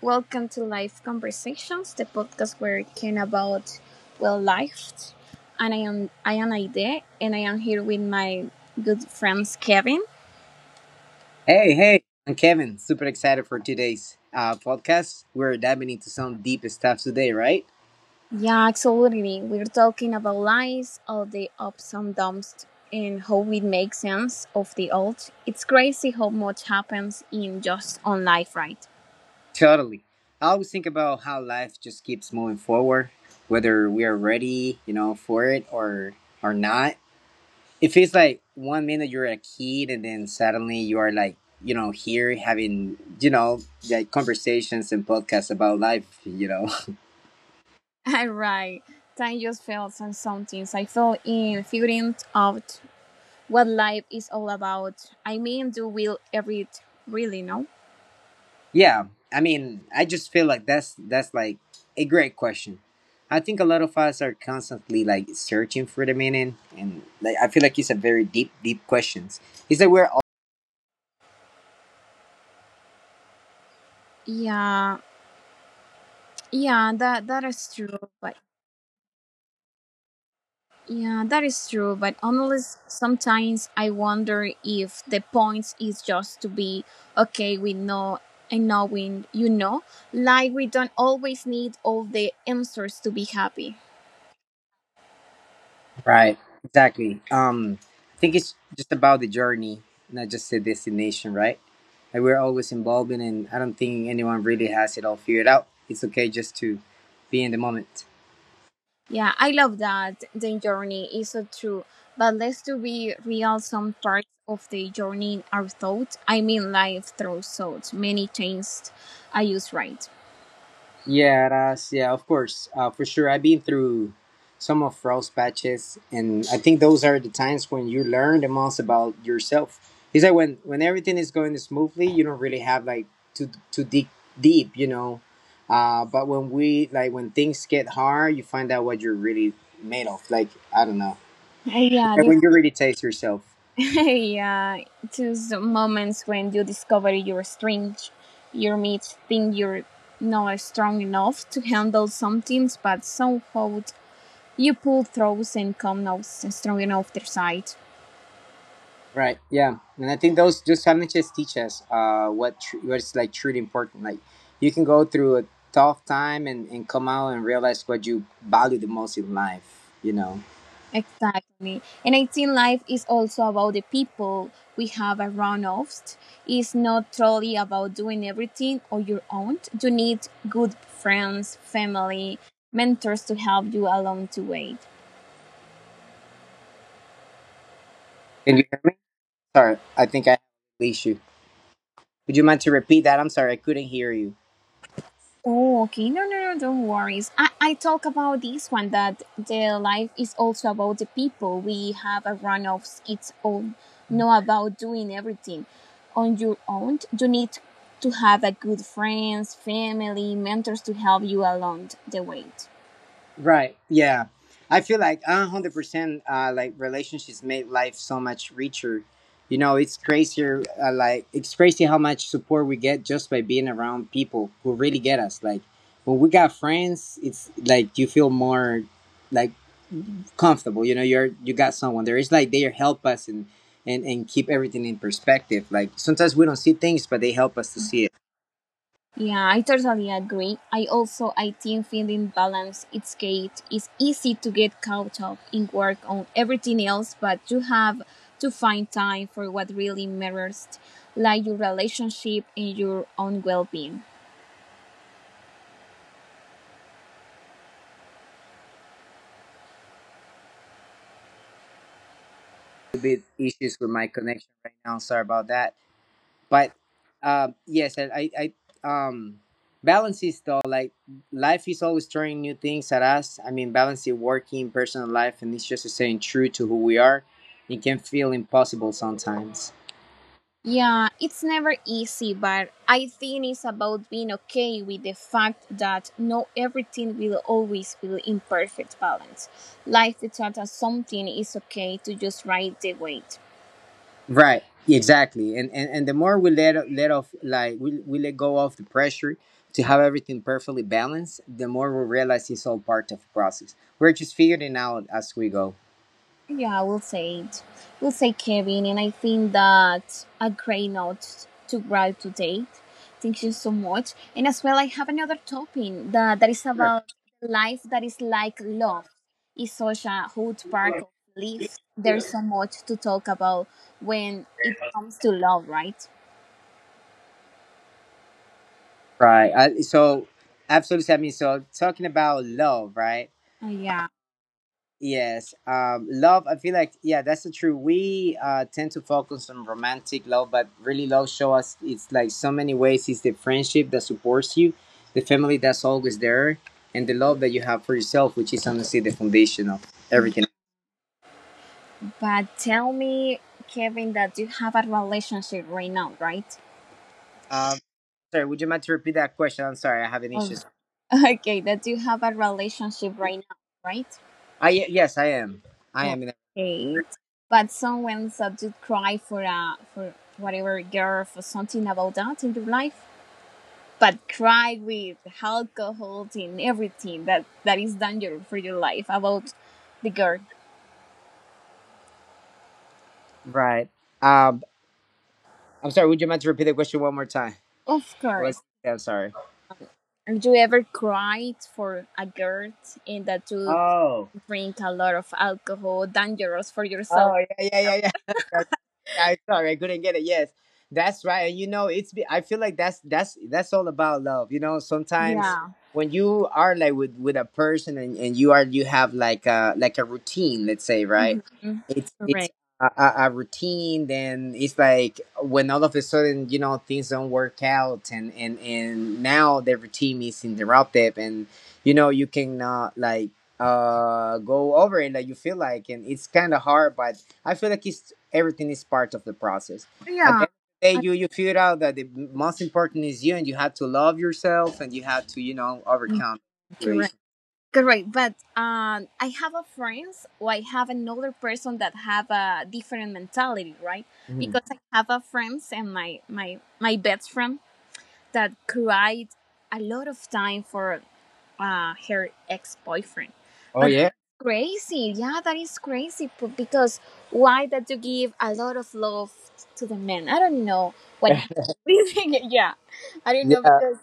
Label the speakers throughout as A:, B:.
A: welcome to Life Conversations, the podcast where we can about well life. And I am Aide, and I am here with my good friends Kevin.
B: Hey, hey, I'm Kevin. Super excited for today's podcast. We're diving into some deep stuff today, right?
A: Yeah, absolutely. We're talking about life, all the ups and downs, and how we make sense of the old. It's crazy how much happens in just on life, right?
B: Totally. I always think about how life just keeps moving forward, whether we are ready, for it or not. It feels like 1 minute you're a kid, and then suddenly you are like, here having, like conversations and podcasts about life.
A: Right. Time just fails and some things. I fell in figuring out what life is all about. Do we ever it really know?
B: Yeah, I mean, I just feel like that's like a great question. I think a lot of us are constantly like searching for the meaning, and like I feel like it's a very deep questions. It's like we're
A: Yeah, yeah, that is true. But yeah, that is true. But honestly, sometimes I wonder if the point is just to be okay. We know and knowing, like we don't always need all the answers to be happy.
B: right, exactly. I think it's just about the journey, not just the destination, right? Like we're always evolving, and I don't think anyone really has it all figured out. It's okay just to be in the moment.
A: Yeah, I love that the journey is so true. But let's to be real, some parts of the journey are thought. Life throws thoughts. Many changes I use right.
B: Yeah, that's yeah, of course, for sure. I've been through some of Ross patches, and I think those are the times when you learn the most about yourself. Is that when everything is going smoothly, you don't really have like to dig deep. But when we like when things get hard, you find out what you're really made of. Like I don't know,
A: Uh, Yeah,
B: like,
A: this,
B: when you really taste yourself.
A: yeah. Those moments when you discover your strength, your meet think you're not strong enough to handle some things, but somehow you pull through and come out strong enough the side.
B: Right. Yeah. And I think those challenges teach us what's like truly important. Like you can go through a tough time and come out and realize what you value the most in life. You know.
A: Exactly. And I think life is also about the people we have around us. It's not truly about doing everything on your own. You need good friends, family, mentors to help you along the way.
B: Can you? Sorry, I think I released you. Would you mind to repeat that? I'm sorry, I couldn't hear you.
A: Oh, okay. No, no, no, don't worry. I talk about this one that the life is also about the people. We have a run of its own, not about doing everything on your own. You need to have a good friends, family, mentors to help you along the way.
B: Right. Yeah, I feel like 100%. Like relationships made life so much richer. You know, it's crazier. Like it's crazy how much support we get just by being around people who really get us. Like when we got friends, it's like you feel more like comfortable. You know, you got someone there. It's like they help us and and keep everything in perspective. Like sometimes we don't see things, but they help us to see it.
A: Yeah, I totally agree. I also I think finding balance it's great. It's easy to get caught up in work on everything else, but you have to find time for what really matters, like your relationship and your own well-being.
B: Little bit issues with my connection right now. Sorry about that. But yes, um, balance is though like life is always throwing new things at us. I mean, balance is working, personal life, and it's just staying true to who we are. It can feel impossible sometimes.
A: Yeah, it's never easy, but I think it's about being okay with the fact that not everything will always be in perfect balance. Life without something is okay to just ride the wave.
B: Right. Exactly. And the more we let off like we let go of the pressure to have everything perfectly balanced, the more we realize it's all part of the process. We're just figuring it out as we go.
A: Yeah, I will say it. We'll say Kevin, and I think that a great note to write to date. Thank you so much. And as well, I have another topic that is about life that is like love. It's such a hot park of life. There's so much to talk about when it comes to love, right?
B: Right. Absolutely, Sammy. So, talking about love, right?
A: Yeah.
B: Yes. Love, I feel like, yeah, that's the truth. We tend to focus on romantic love, but really, love show us it's like so many ways. It's the friendship that supports you, the family that's always there, and the love that you have for yourself, which is honestly the foundation of everything.
A: But tell me, Kevin, that you have a relationship right now, right?
B: Sorry, would you mind to repeat that question? I'm sorry, I have an issue.
A: Oh. Okay, that you have a relationship right now, right?
B: Yes, I am. I am. In a,
A: Okay. But someone subject cry for a for whatever girl for something about that in your life. But cry with alcohol and everything that is dangerous for your life about the girl.
B: right. Um, I'm sorry, would you mind to repeat the question one more time?
A: Of
B: What-
A: course.
B: I'm sorry.
A: Have you ever cried for a girl and that you
B: Oh,
A: drink a lot of alcohol, dangerous for yourself?
B: oh, yeah, yeah, yeah, yeah. That's, yeah, sorry, I couldn't get it. Yes, that's right. And you know, it's. I feel like that's all about love. You know, sometimes
A: Yeah.
B: when you are like with a person and you have like a routine, let's say,
A: Mhm.
B: right? It's a routine. Then it's like when all of a sudden you know things don't work out, and now the routine is interrupted, and you know you can like go over it that you feel like and it's kind of hard but I feel like it's everything is part of the process at the
A: Yeah.
B: end of the day
A: I-
B: you figure out that the most important is you and you have to love yourself and you have to you know overcome the
A: Correct.
B: situation.
A: Correct, but I have a friends or I have another person that have a different mentality, right?
B: Mhm.
A: Because I have a friends and my best friend that cried a lot of time for her ex boyfriend,
B: Oh
A: but that's
B: yeah,
A: crazy. Yeah, that is crazy because why that you give a lot of love to the man? I don't know what happened. Yeah, I don't know
B: yeah,
A: because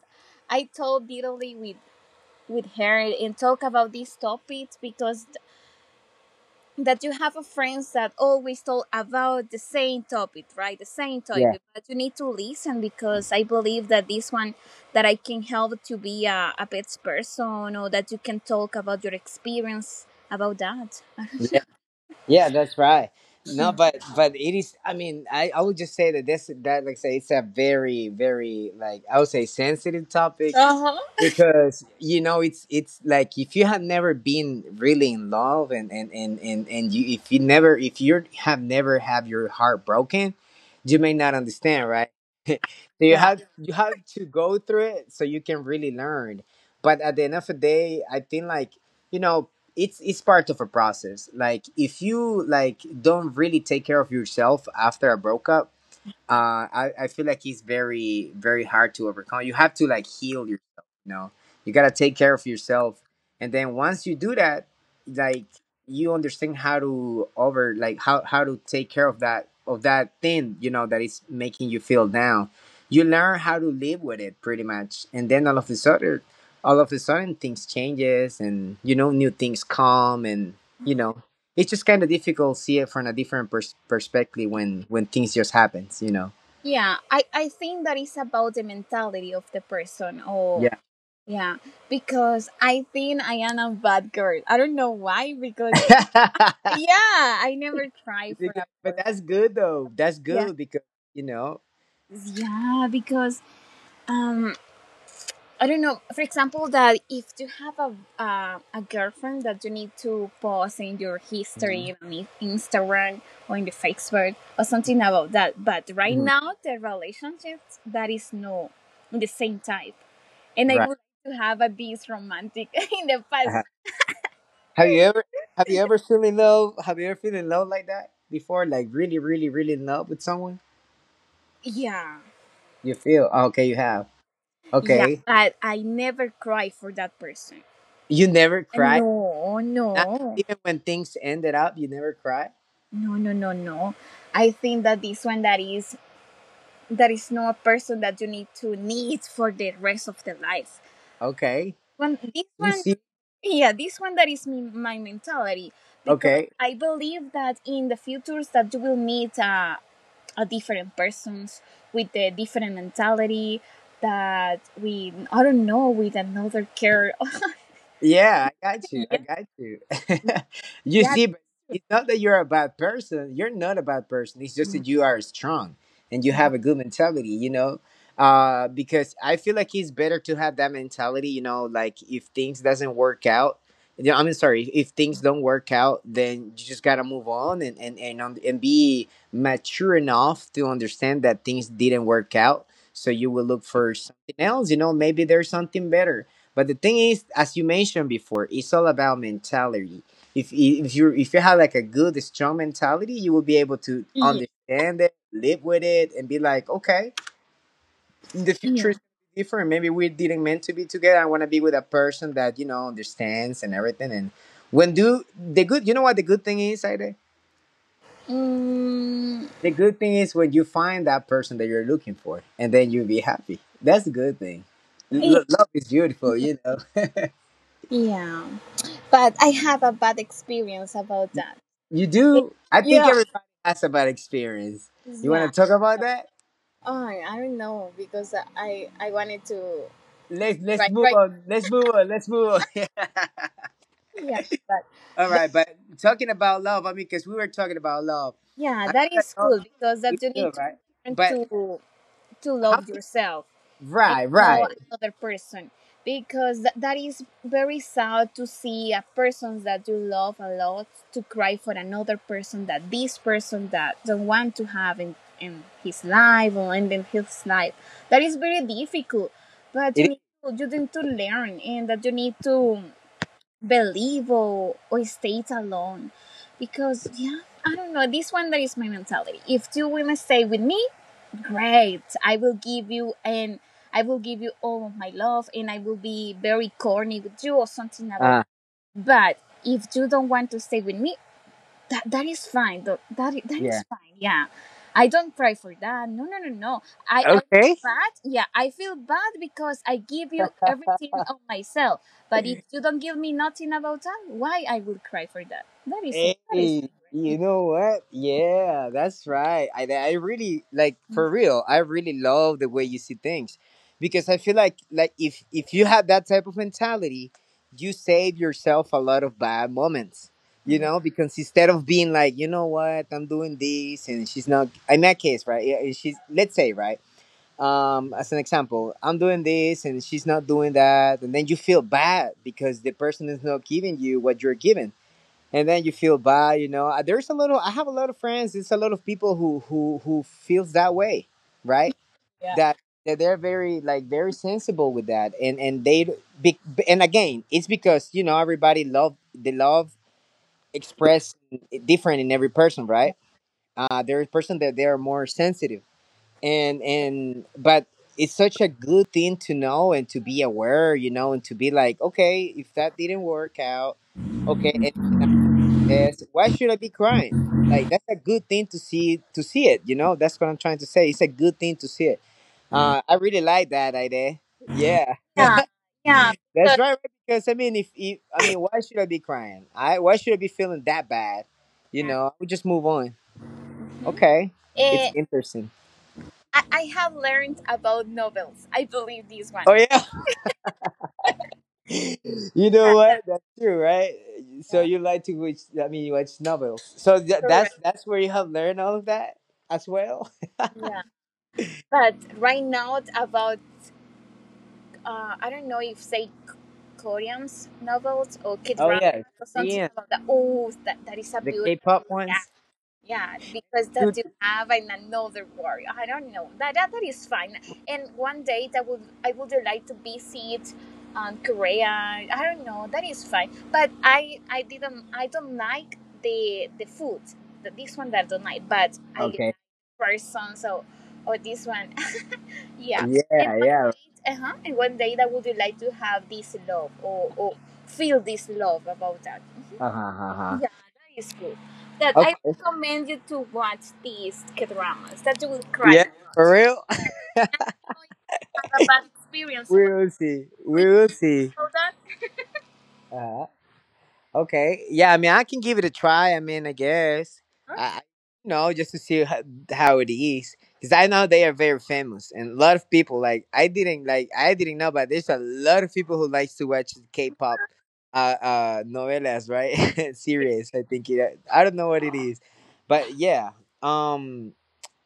A: I told Italy with her and talk about these topics because that you have a friends that always talk about the same topic, right? The same
B: yeah,
A: topic, but you need to listen because I believe that this one that I can help to be a best person or that you can talk about your experience about that.
B: yeah, yeah, that's right. No but but it is, I mean, I would just say that this that like I say it's a very like I would say sensitive topic
A: Uh-huh.
B: because you know it's like if you have never been really in love and you if you never if you have never have your heart broken you may not understand right so you have to go through it so you can really learn but at the end of the day I think like you know it's part of a process like if you like don't really take care of yourself after a breakup I feel like it's very hard to overcome. You have to like heal yourself, you know. You gotta take care of yourself. And then once you do that, like you understand how to over like how to take care of that thing, you know, that is making you feel down. You learn how to live with it pretty much. And then all of a sudden things changes and you know new things come and you know it's just kind of difficult to see it from a different perspective when things just happens you know.
A: Yeah, I think that is about the mentality of the person or
B: Yeah.
A: yeah, because I think I am a bad girl. I don't know why because yeah I never try for that
B: But
A: portion
B: that's good though. That's
A: yeah
B: good because you know.
A: yeah because um I don't know for example that if you have a girlfriend that you need to post in your
B: Hmm.
A: history on instagram or in the facebook or something about that but right
B: Hmm.
A: now the relationship that is no the same type and I
B: Right.
A: would like to have a this romantic in the past
B: Uh-huh. Have you ever have you ever feel in love? Have you ever feel in love like that before? Like really, really, really in love with someone?
A: yeah
B: You feel "Oh, okay. You have
A: yeah
B: okay.
A: but I never cry for that person
B: You never cry.
A: no no
B: Not even when things ended up, you never cry.
A: No, no, no, no. I think that this one that is not a person that you need to need for the rest of the life.
B: Okay.
A: One, this
B: You
A: one,
B: see.
A: yeah, this one that is me, my mentality because
B: Okay.
A: I believe that in the futures that you will meet a different persons with a different mentality that we I don't know with another care.
B: Yeah, I
A: Yeah,
B: got you. You
A: yeah,
B: see, but it's not that you're a bad person. You're not a bad person. It's just that you are strong and you have a good mentality, you know? Because I feel like it's better to have that mentality, you know, like if things doesn't work out, you know, I'm sorry, if things don't work out, then you just gotta move on and on, and be mature enough to understand that things didn't work out. So you will look for something else, you know, maybe there's something better but the thing is, as you mentioned before, it's all about mentality. If if you have like a good strong mentality, you will be able to
A: yeah,
B: understand it, live with it, and be like, okay, in the future
A: yeah.
B: is different. Maybe we didn't meant to be together. I want to be with a person that you know understands and everything. And when do the good, you know what the good thing is, Aide?
A: Mm,
B: The good thing is when you find that person that you're looking for, and then you'll be happy. That's a good thing.
A: yeah.
B: Love is beautiful, you know.
A: Yeah, but I have a bad experience about that.
B: You
A: Eh,
B: do. I think
A: yeah
B: everybody has a bad experience. You want to
A: yeah
B: talk about
A: yep.
B: that?
A: oh I don't know because i wanted to
B: Let's
A: write
B: move
A: right
B: on. Let's move on. Let's move on.
A: now. Yeah but
B: All
A: that,
B: right, but talking about love, I mean, because we were talking about love.
A: yeah
B: I think
A: that
B: that
A: is
B: love
A: cool because
B: is
A: that you need
B: good,
A: to
B: right?
A: learn
B: But
A: to
B: how?
A: love yourself and
B: Right,
A: know
B: right.
A: another person because that is very sad to see a person that you love a lot to cry for another person that this person that don't want to have in his life or in his life that is very difficult but
B: It is.
A: you need to learn and that you need to believe or stays alone because yeah I don't know this one that is my mentality if two women stay with me great I will give you and I will give you all of my love and I will be very corny with you or something about it.
B: Uh,
A: But if you don't want to stay with me that that is fine though that I- that is
B: yeah.
A: fine yeah I don't cry for that no no no no i feel
B: Okay.
A: bad yeah I feel bad because I give you everything of myself but if you don't give me nothing about that why I will cry for that
B: Hey,
A: that is
B: you
A: not
B: know what? Yeah, that's right. I really like for real. I really love the way you see things, because I feel like if you have that type of mentality, you save yourself a lot of bad moments. You
A: right.
B: know, because instead of being like, you know what, I'm doing this, and she's not. In that case, right? Yeah, and she's let's say right. As an example, I'm doing this and she's not doing that, and then you feel bad because the person is not giving you what you're giving and then you feel bad you know. There's a little I have a lot of friends it's a lot of people who who feels that way right
A: yeah yeah
B: that that they're very like very sensible with that and they be, and again it's because you know everybody love they love express different in every person right there's person that they are more sensitive and but it's such a good thing to know and to be aware you know and to be like okay if that didn't work out okay and yes. Why should I be crying like that's a good thing to see it you know that's what I'm trying to say it's a good thing to see it I really like that idea yeah
A: yeah yeah
B: that's
A: because
B: right right? Because I mean if I mean why should I be crying, I why should I be feeling that bad? I would just move on.
A: Mhm.
B: Okay, it's
A: eh,
B: interesting.
A: I have learned about novels I believe this
B: Oh
A: one
B: yeah. You know
A: yeah
B: what,
A: that's
B: that's true, right? So
A: yeah,
B: you like to watch? I mean, you watch novels, so tha- that's
A: correct
B: that's where you have learned all of that as well.
A: yeah but right now about I don't know if say Korean's novels or kid
B: Oh yeah,
A: dramas or something
B: Korean.
A: about that. Oh, that is a
B: The
A: beautiful.
B: K-pop
A: Yeah,
B: ones,
A: yeah, because
B: dude.
A: that you have in another world. I don't know. That is fine. And one day that would I would like to visit Korea. I don't know. That is fine. But I don't like the food. The, this one that I don't like, but I like
B: Okay.
A: person. So or this one. Yeah. And
B: Yeah,
A: one
B: yeah.
A: day, uh huh. And one day that would you like to have this love or feel this love about that?
B: Uh huh. Uh huh.
A: Yeah, that is good. That I
B: Okay.
A: recommend you to watch these dramas. That you will cry a
B: Yeah.
A: lot.
B: For real.
A: And I know you have a bad experience about.
B: We
A: It.
B: will see.
A: Please
B: We will
A: tell me
B: see.
A: about that.
B: Uh, okay. Yeah. I mean, I can give it a try. I mean, I guess.
A: Huh?
B: I, I- just to see how it is, because I know they are very famous and a lot of people. Like I didn't know, but there's a lot of people who likes to watch K-pop. Novelas, right?
A: Yeah.
B: Series, I think it. I don't know what it is, but yeah. Um,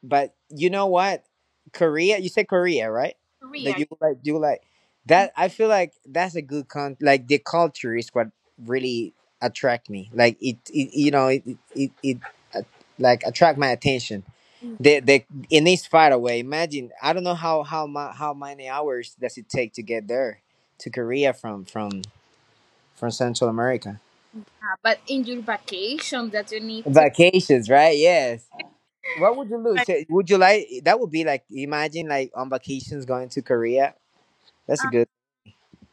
B: But you know what? Korea. You said Korea, right? That
A: Korea.
B: you like, do like that. I feel like that's a good con, like the culture is what really attract me. Like it you know, it, uh, like attract my attention. They in this far away. Imagine, I don't know how many hours does it take to get there to Korea from Central America.
A: Yeah, but in your vacation that you need to.
B: Vacations, right? Yes. What would you lose? Say, would you like that? Would be like, imagine, like, on vacations going to Korea. That's a
A: Uh,
B: good.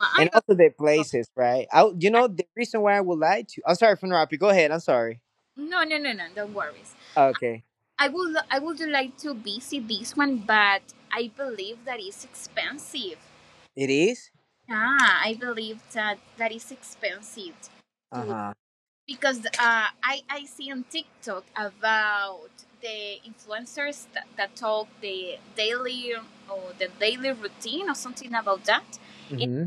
A: I
B: And
A: don't
B: also the
A: know.
B: places, right? You
A: I,
B: know the reason why I would lie to. I'm sorry for interrupting. Go ahead. I'm sorry.
A: no, no, no, no. Don't worry.
B: Okay,
A: I would like to visit this one, but I believe that it's expensive.
B: it is.
A: Yeah, I believe that that is expensive
B: Uh
A: too
B: huh.
A: because I see on TikTok about the influencers that talk the daily or the daily routine or something about that in
B: Mm-hmm.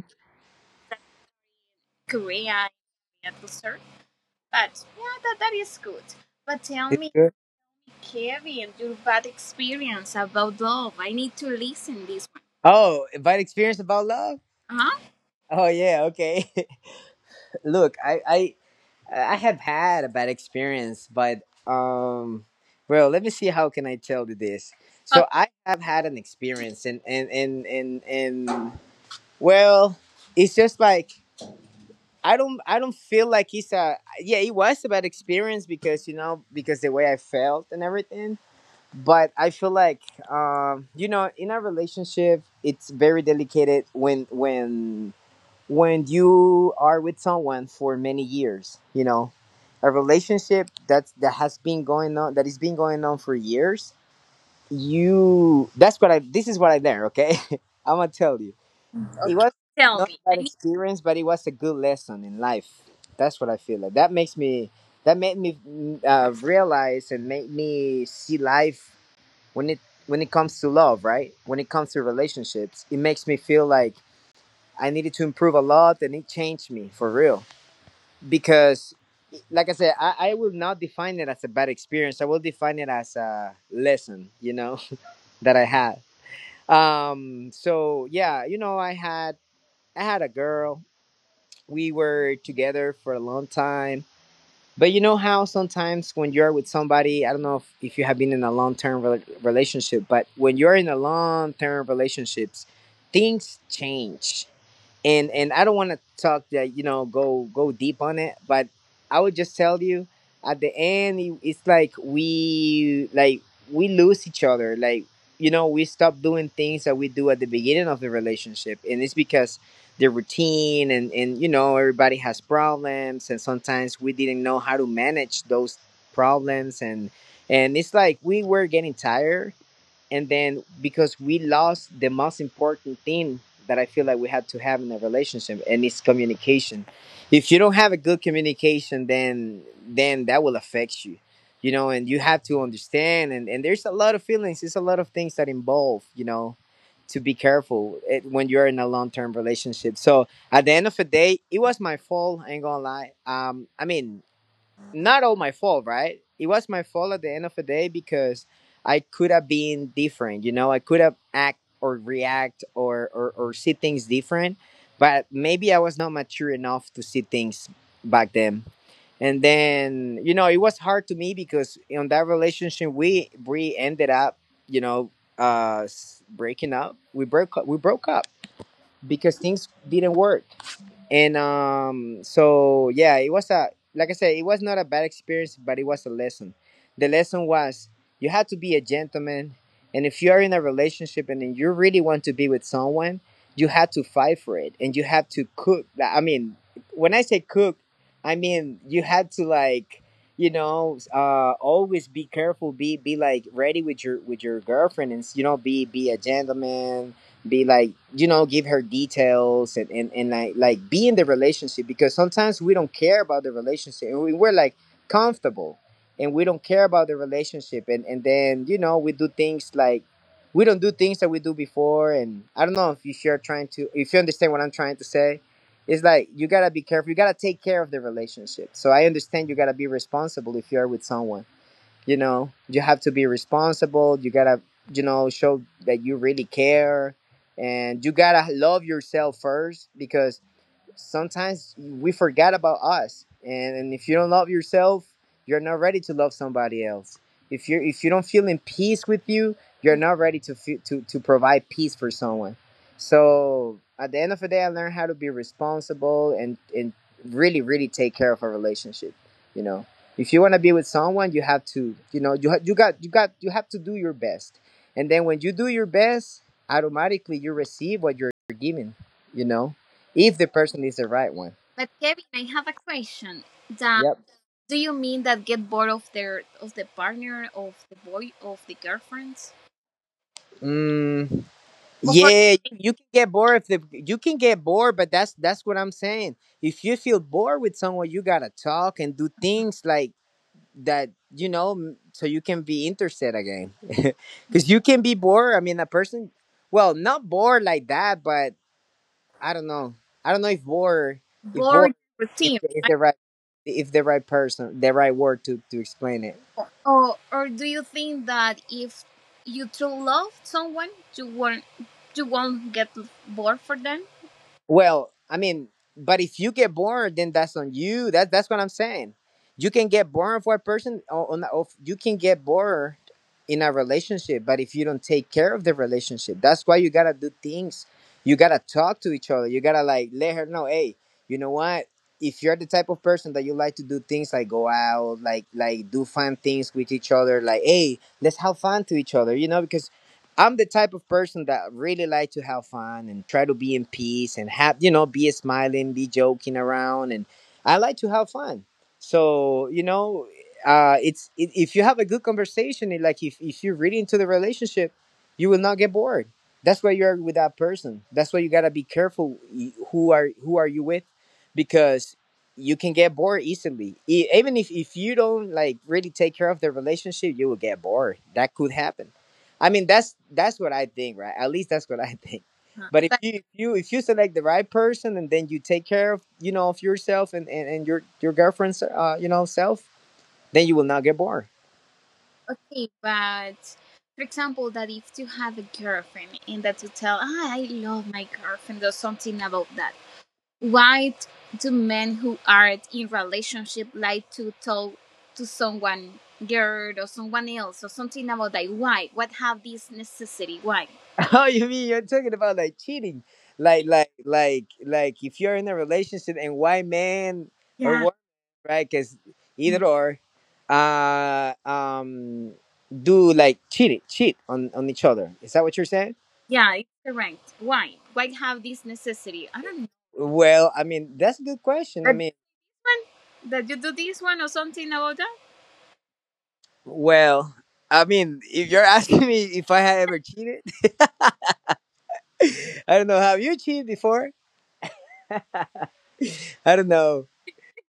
A: Korea at the But yeah, that, that is good. But tell
B: It's
A: me,
B: good.
A: Carrie and your bad experience about love. I need to listen this
B: Oh, about experience, about love.
A: one. Uh
B: Oh yeah. Okay. Look, I have had a bad experience, but um, well, let me see how can I tell you this.
A: huh.
B: So I have had an experience, and well, it's just like, I don't feel like it's a, yeah, it was a bad experience because the way I felt and everything. But I feel like, in a relationship it's very delicate when you are with someone for many years. A relationship that has been going on, that is been going on for years. You that's what I This is what I learned, okay? I'm gonna tell you,
A: Okay,
B: it
A: okay.
B: was
A: Tell
B: not
A: me.
B: a
A: I
B: bad
A: need.
B: experience, but it was a good lesson in life. That's what I feel like. That makes me. That made me realize and made me see life when it when it comes to love, right? When it comes to relationships, it makes me feel like I needed to improve a lot, and it changed me for real. Because, like I said, I will not define it as a bad experience. I will define it as a lesson, that I had. So yeah, I had a girl, we were together for a long time. But you know how sometimes when you're with somebody, I don't know if you have been in a long term relationship, but when you're in a long term relationships, things change, and I don't want to talk that, go deep on it, but I would just tell you at the end, it's like we lose each other, like we stop doing things that we do at the beginning of the relationship, and it's because the routine, and everybody has problems, and sometimes we didn't know how to manage those problems, and it's like we were getting tired, and then because we lost the most important thing that I feel like we had to have in a relationship, and it's communication. If you don't have a good communication, then that will affect you you know and you have to understand, and there's a lot of feelings, there's a lot of things that involve, to be careful, when you're in a long-term relationship. So at the end of the day, it was my fault. I ain't gonna lie. I mean, not all my fault, right? It was my fault at the end of the day, because I could have been different. I could have act or react, or see things different, but maybe I was not mature enough to see things back then. And then, it was hard to me because in that relationship we ended up, you know, breaking up. We broke up because things didn't work. And so yeah, it was a like I said, it was not a bad experience, but it was a lesson. The lesson was, you had to be a gentleman, and if you are in a relationship and then you really want to be with someone, you had to fight for it, and you had to cook. Like, I mean, when I say cook, I mean you had to, like, always be careful, be like ready with your girlfriend, and, be a gentleman, be, like, give her details, and like be in the relationship. Because sometimes we don't care about the relationship, and we're like comfortable, and we don't care about the relationship, and then, we don't do things that we do before. And I don't know if you sure trying to if you understand what I'm trying to say. It's like you gotta be careful, you gotta take care of the relationship, so I understand. You gotta be responsible. If you're with someone, you have to be responsible. You gotta, show that you really care, and you gotta love yourself first, because sometimes we forget about us. And if you don't love yourself, you're not ready to love somebody else. If you don't feel in peace with you, you're not ready to feel, to provide peace for someone. So at the end of the day, I learned how to be responsible, and really really take care of a relationship. you know if you want to be with someone, you have to, you have to do your best, and then when you do your best, automatically you receive what you're given. you know if the person is the right one.
A: But Kevin, I have a question. That
B: Yep.
A: do you mean that get bored of their of the partner of the boy of the girlfriends
B: Mm,
A: Of a
B: yeah, you can get bored. If the You can get bored, but that's what I'm saying. If you feel bored with someone, you gotta talk and do things like that, so you can be interested again. Because you can be bored. I mean, a person, well, not bored like that, but I don't know. I don't know. If bored,
A: bored
B: is
A: routine,
B: is
A: right?
B: the right, if the right person, the right word to explain it.
A: Or do you think that if you true love someone, you won't you won't get bored for them?
B: Well, I mean, but if you get born, then that's on you. That's what I'm saying. You can get born for a person you can get bored in a relationship, but if you don't take care of the relationship, that's why you gotta do things. You gotta talk to each other. You gotta, like, let her know, hey, you know what? If you're the type of person that you like to do things, like go out, like do fun things with each other, like, hey, let's have fun to each other, because I'm the type of person that really like to have fun and try to be in peace and have you know be smiling, be joking around, and I like to have fun. So it's I if you have a good conversation, and like if you're really into the relationship, you will not get bored. That's why you're with that person. That's why you gotta be careful, who are you with, because you can get bored easily. Even if you don't, like, really take care of the relationship, you will get bored. That could happen. I mean, that's what I think, right? At least that's what I think. But if
A: Uh-huh.
B: you, if you select the right person, and then you take care of yourself, and your girlfriend's self, then you will not get bored.
A: Okay, but for example, that if you have a girlfriend and that you tell, ah, I love my girlfriend or something about that, why do men who are in relationship like to tell to someone girl or someone else or something about that? Why? What have this necessity? Why?
B: Oh, you mean you're talking about, like, cheating, like if you're in a relationship and why man or
A: Yeah,
B: what, right? Because either or, uh um do like cheat it cheat on each other. Is that what you're saying?
A: yeah, it's correct. Why? Why have this necessity? I don't know.
B: Well, I mean, that's a good question. I
A: That this
B: mean.
A: one, that you do this one or something about that?
B: Well, I mean, if you're asking me if I have ever cheated, I don't know. Have you cheated before? I don't know,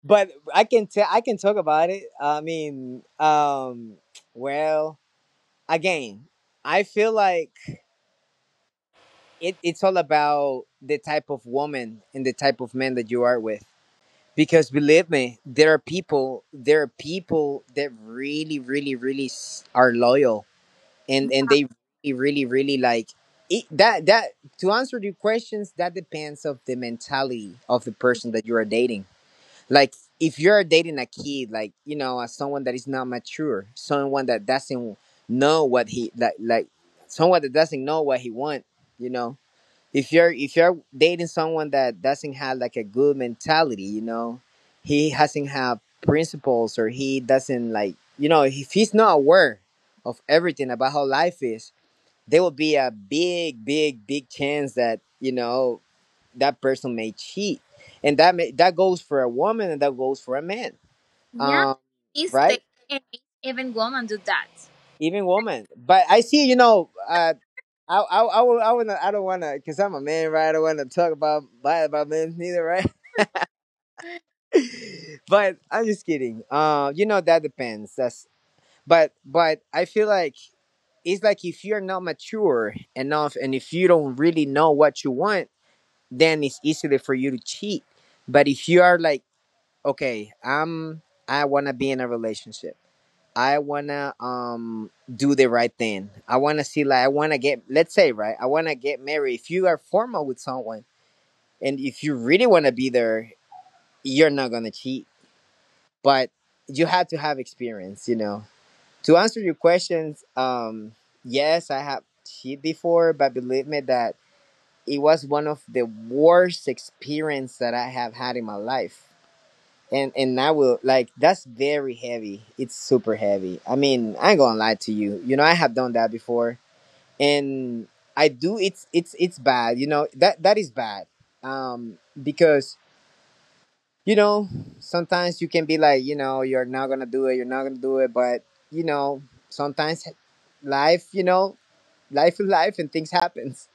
B: but I can tell. I can talk about it. I mean, well, again, I feel like it's all about the type of woman and the type of man that you are with. Because believe me, there are people that really, really, really are loyal, and they really really really like it, that to answer your questions, that depends of the mentality of the person that you are dating. Like if you're dating a kid, like you know, as someone that is not mature, someone that doesn't know what he like someone that doesn't know what he want, you know, if you're dating someone that doesn't have like a good mentality, you know, he hasn't have principles, or he doesn't, like, you know, if he's not aware of everything about how life is, there will be a big big big chance that, you know, that person may cheat, and that goes for a woman and that goes for a man.
A: Yeah,
B: um
A: this day
B: right.
A: and even women do that.
B: Even woman. But I see, you know, would not, I don't want to, because I'm a man, right? I don't want to talk about bad about men neither, right? But I'm just kidding. You know, that depends. That's But I feel like it's like, if you're not mature enough and if you don't really know what you want, then it's easily for you to cheat. But if you are like, okay, I wanna be in a relationship. I wanna do the right thing. I wanna see, like, I wanna get, let's say, right, I wanna get married. If you are formal with someone and if you really wanna be there, you're not gonna cheat. But you have to have experience, you know. To answer your questions, yes, I have cheated before, but believe me that it was one of the worst experience that I have had in my life. And I will like that's very heavy. It's super heavy. I mean, I ain't gonna lie to you. You know, I have done that before, and I do. It's bad. You know that is bad. Because, you know, sometimes you can be like, you know, you're not gonna do it, you're not gonna do it, but you know, sometimes life, you know, life is life and things happens.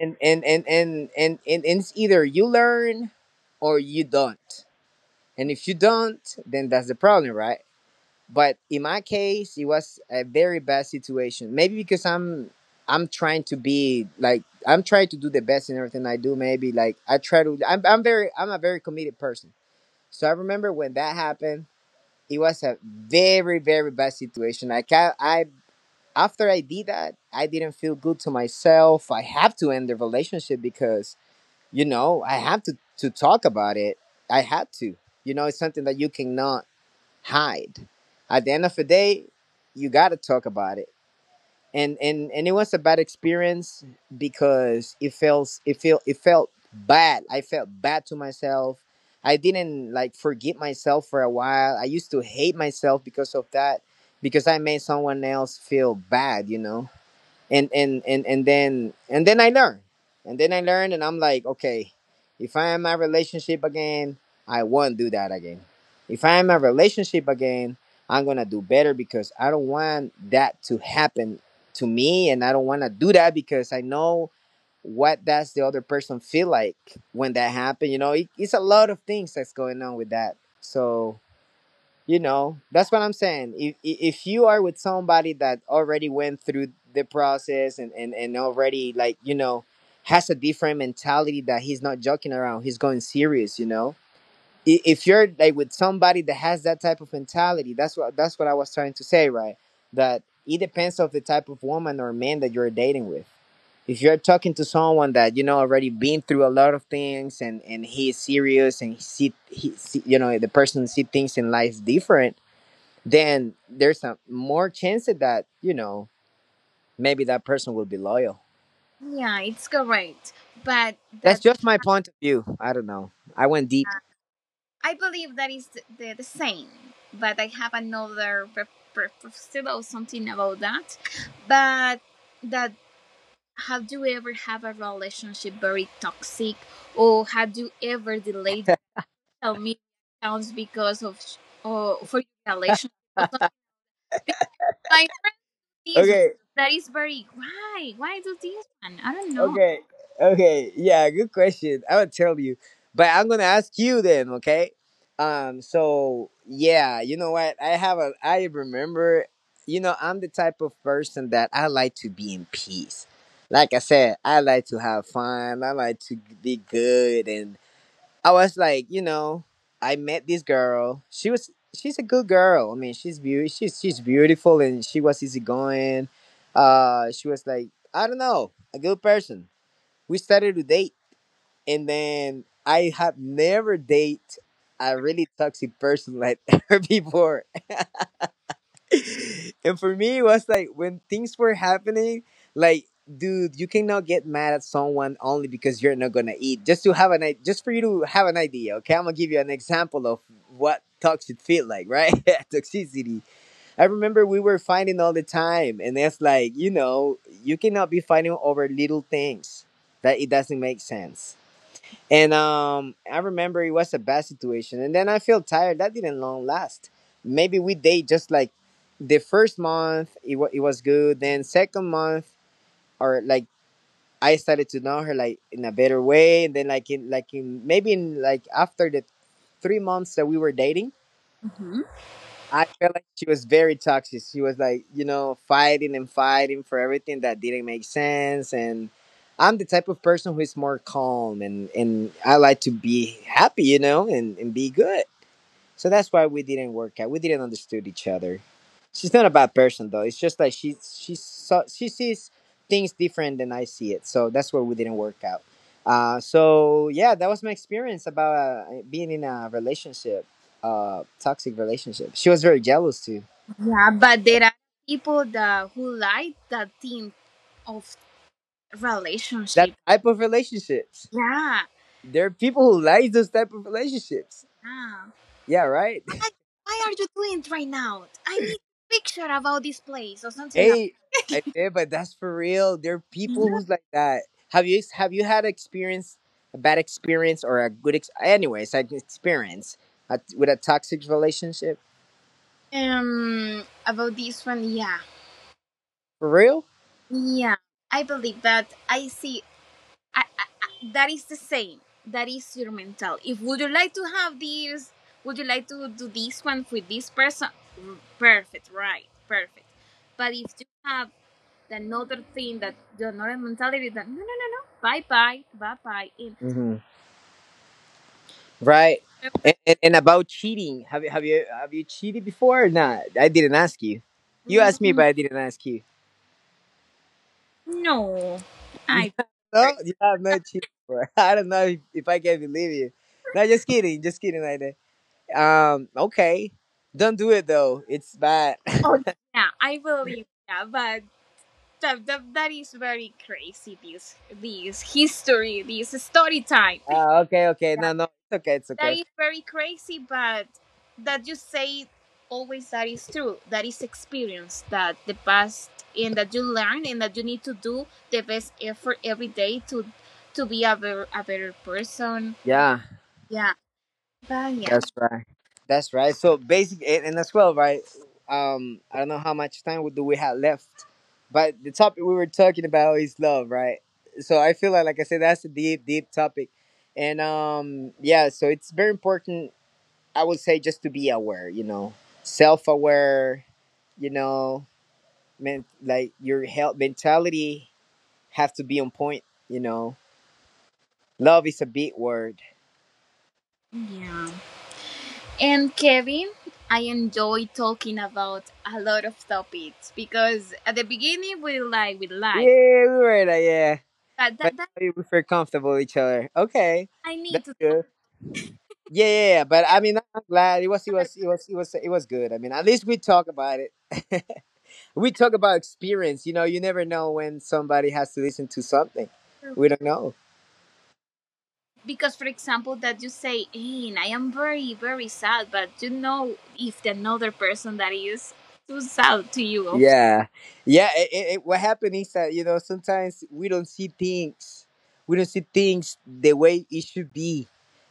B: And it's either you learn or you don't. And if you don't, then that's the problem, right? But in my case, it was a very bad situation. Maybe because I'm trying to be, like, I'm trying to do the best in everything I do. Maybe, like, I try to. I'm a very committed person. So I remember when that happened, it was a very, very bad situation. Like I, can't, I After I did that, I didn't feel good to myself. I have to end the relationship because, you know, I have to talk about it. I had to. You know, it's something that you cannot hide. At the end of the day, you gotta talk about it, and it was a bad experience because it felt bad. I felt bad to myself. I didn't, like, forgive myself for a while. I used to hate myself because of that, because I made someone else feel bad, you know. And then I learn. And then I learn, and I'm like, okay, if I am in my relationship again, I won't do that again. If I am in my relationship again, I'm gonna do better because I don't want that to happen to me, and I don't want to do that because I know what does the other person feel like when that happened. You know, it's a lot of things that's going on with that. So, you know, that's what I'm saying. If you are with somebody that already went through the process, and already, like, you know, has a different mentality, that he's not joking around, he's going serious. You know, if you're, like, with somebody that has that type of mentality, that's what I was trying to say, right? That it depends of the type of woman or man that you're dating with. If you're talking to someone that, you know, already been through a lot of things, and he's serious, and he see, you know, the person see things in life different, then there's a more chance that, you know, maybe that person will be loyal.
A: Yeah, it's correct. But
B: That's
A: that
B: just my point of view. I don't know. I went deep.
A: I believe that is the same. But I have another pre- preference or something about that. But that have you ever have a relationship very toxic, or have you ever delayed social media accounts because of or for your relationship or something? Because my friend this one
B: Okay,
A: that is very why do this one? I don't know.
B: okay, okay. Yeah, good question. I would tell you, but I'm gonna ask you then. Okay. So yeah, you know what, I have a I remember, you know, I'm the type of person that I like to be in peace. Like I said, I like to have fun, I like to be good. And I was like, you know, I met this girl. She's a good girl. I mean, she's beauty. She's beautiful, and she was easygoing. She was, like, I don't know, a good person. We started to date, and then I have never date a really toxic person like her before. And for me it was like, when things were happening, like, dude, you cannot get mad at someone only because you're not gonna eat. Just to have just for you to have an idea. Okay, I'm gonna give you an example of what toxic feel like, right? Toxicity. I remember we were fighting all the time, and it's like, you know, you cannot be fighting over little things that it doesn't make sense. And I remember it was a bad situation. And then I feel tired. That didn't long last. Maybe we date just like the first month, it was good. Then second month, or like I started to know her like in a better way. And then like in maybe in like after the 3 months that we were dating,
A: Mhm.
B: I felt like she was very toxic. She was, like, you know, fighting and fighting for everything that didn't make sense. And I'm the type of person who is more calm, and I like to be happy, you know, and be good. So that's why we didn't work out. We didn't understood each other. She's not a bad person though. It's just, like, she sees things different than I see it. So that's where we didn't work out. So yeah, that was my experience about being in a relationship, toxic relationship. She was very jealous too.
A: Yeah, but there are people that who like that thing of
B: That
A: relationship.
B: type of relationships.
A: Yeah.
B: There are people who like those type of relationships.
A: yeah.
B: Yeah, right.
A: Why, why are you doing it right now? I need a picture about this place or something else.
B: Hey, I did, but that's for real. There are people who's like that. Have you had experience, a bad experience, or a good anyways, like, experience with a toxic relationship,
A: About this one, yeah,
B: for real?
A: yeah. I believe that I see. I, that is the same. That is your mental. If would you like to have this, would you like to do this one with this person? Mm, Perfect, right? Perfect. But if you have another thing that the Northern mentality is that no, no, no, no, bye, bye, bye, bye. And
B: Hmm. Right. And about cheating, have you cheated before or not? I didn't ask you. You
A: remember,
B: asked me,
A: mm,
B: but I didn't ask you.
A: no,
B: Yeah,
A: I.
B: no,
A: remember.
B: you have not cheated before. I don't know if I can believe you. No, just kidding, like. Okay. Don't do it though. It's bad.
A: Oh yeah, I believe that, but that is very crazy. This history, this story time.
B: Ah, okay, okay. No, no. It's okay. It's
A: That
B: okay.
A: is very crazy, but that you say always that is true. That is experience that the past and that you learn and that you need to do the best effort every day to be a better person.
B: Yeah,
A: Yeah. But yeah.
B: that's right. That's right. So basic, and as well, right? I don't know how much time do we have left, but the topic we were talking about is love, right? So I feel like I said, that's a deep, deep topic. And yeah. So it's very important. I would say, just to be aware, you know, self-aware, you know, meant, like, your health mentality have to be on point, you know. Love is a big word.
A: Yeah. And Kevin, I enjoy talking about a lot of topics because at the beginning we like with life.
B: Yeah, we were, like, yeah.
A: But that,
B: But
A: that
B: we feel comfortable with each other. Okay.
A: I
B: That's
A: need to talk.
B: good. Yeah, yeah, yeah. But I mean, I'm glad it was good. I mean, at least we talk about it. We talk about experience, you know. You never know when somebody has to listen to something.
A: Yeah.
B: We don't know.
A: because for example that you say hey I am very sad but you know if the another person that is too sad to you
B: Yeah. Yeah, what happened is that, you know, sometimes we don't see things. We don't see things the way it should be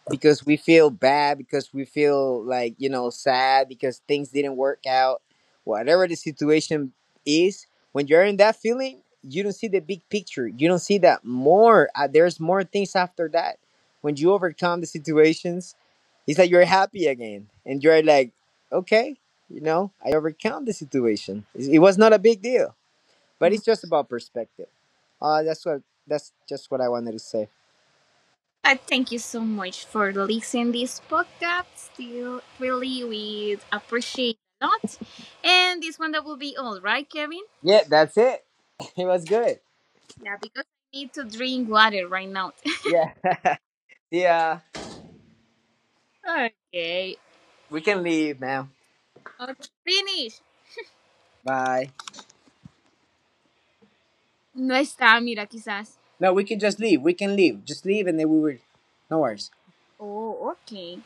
B: because we feel bad, because we feel, like, you know, sad, because things didn't work out, whatever the situation is. When you're in that feeling, you don't see the big picture. You don't see that more there's more things after that. When you overcome the situations, it's like you're happy again, and you're like, okay, you know, I overcome the situation. It was not a big deal. But it's just about perspective. That's what that's just what I wanted to say.
A: I thank you so much for listening this podcast still really we appreciate a lot and this one that will be all right kevin
B: Yeah, that's it. It was good.
A: yeah because I need to drink water right now
B: Yeah. Yeah,
A: okay,
B: we can leave now.
A: okay. finish
B: Bye.
A: no está mira quizás
B: No, we can just leave. We can leave. Just leave, and then we will. No worries.
A: oh okay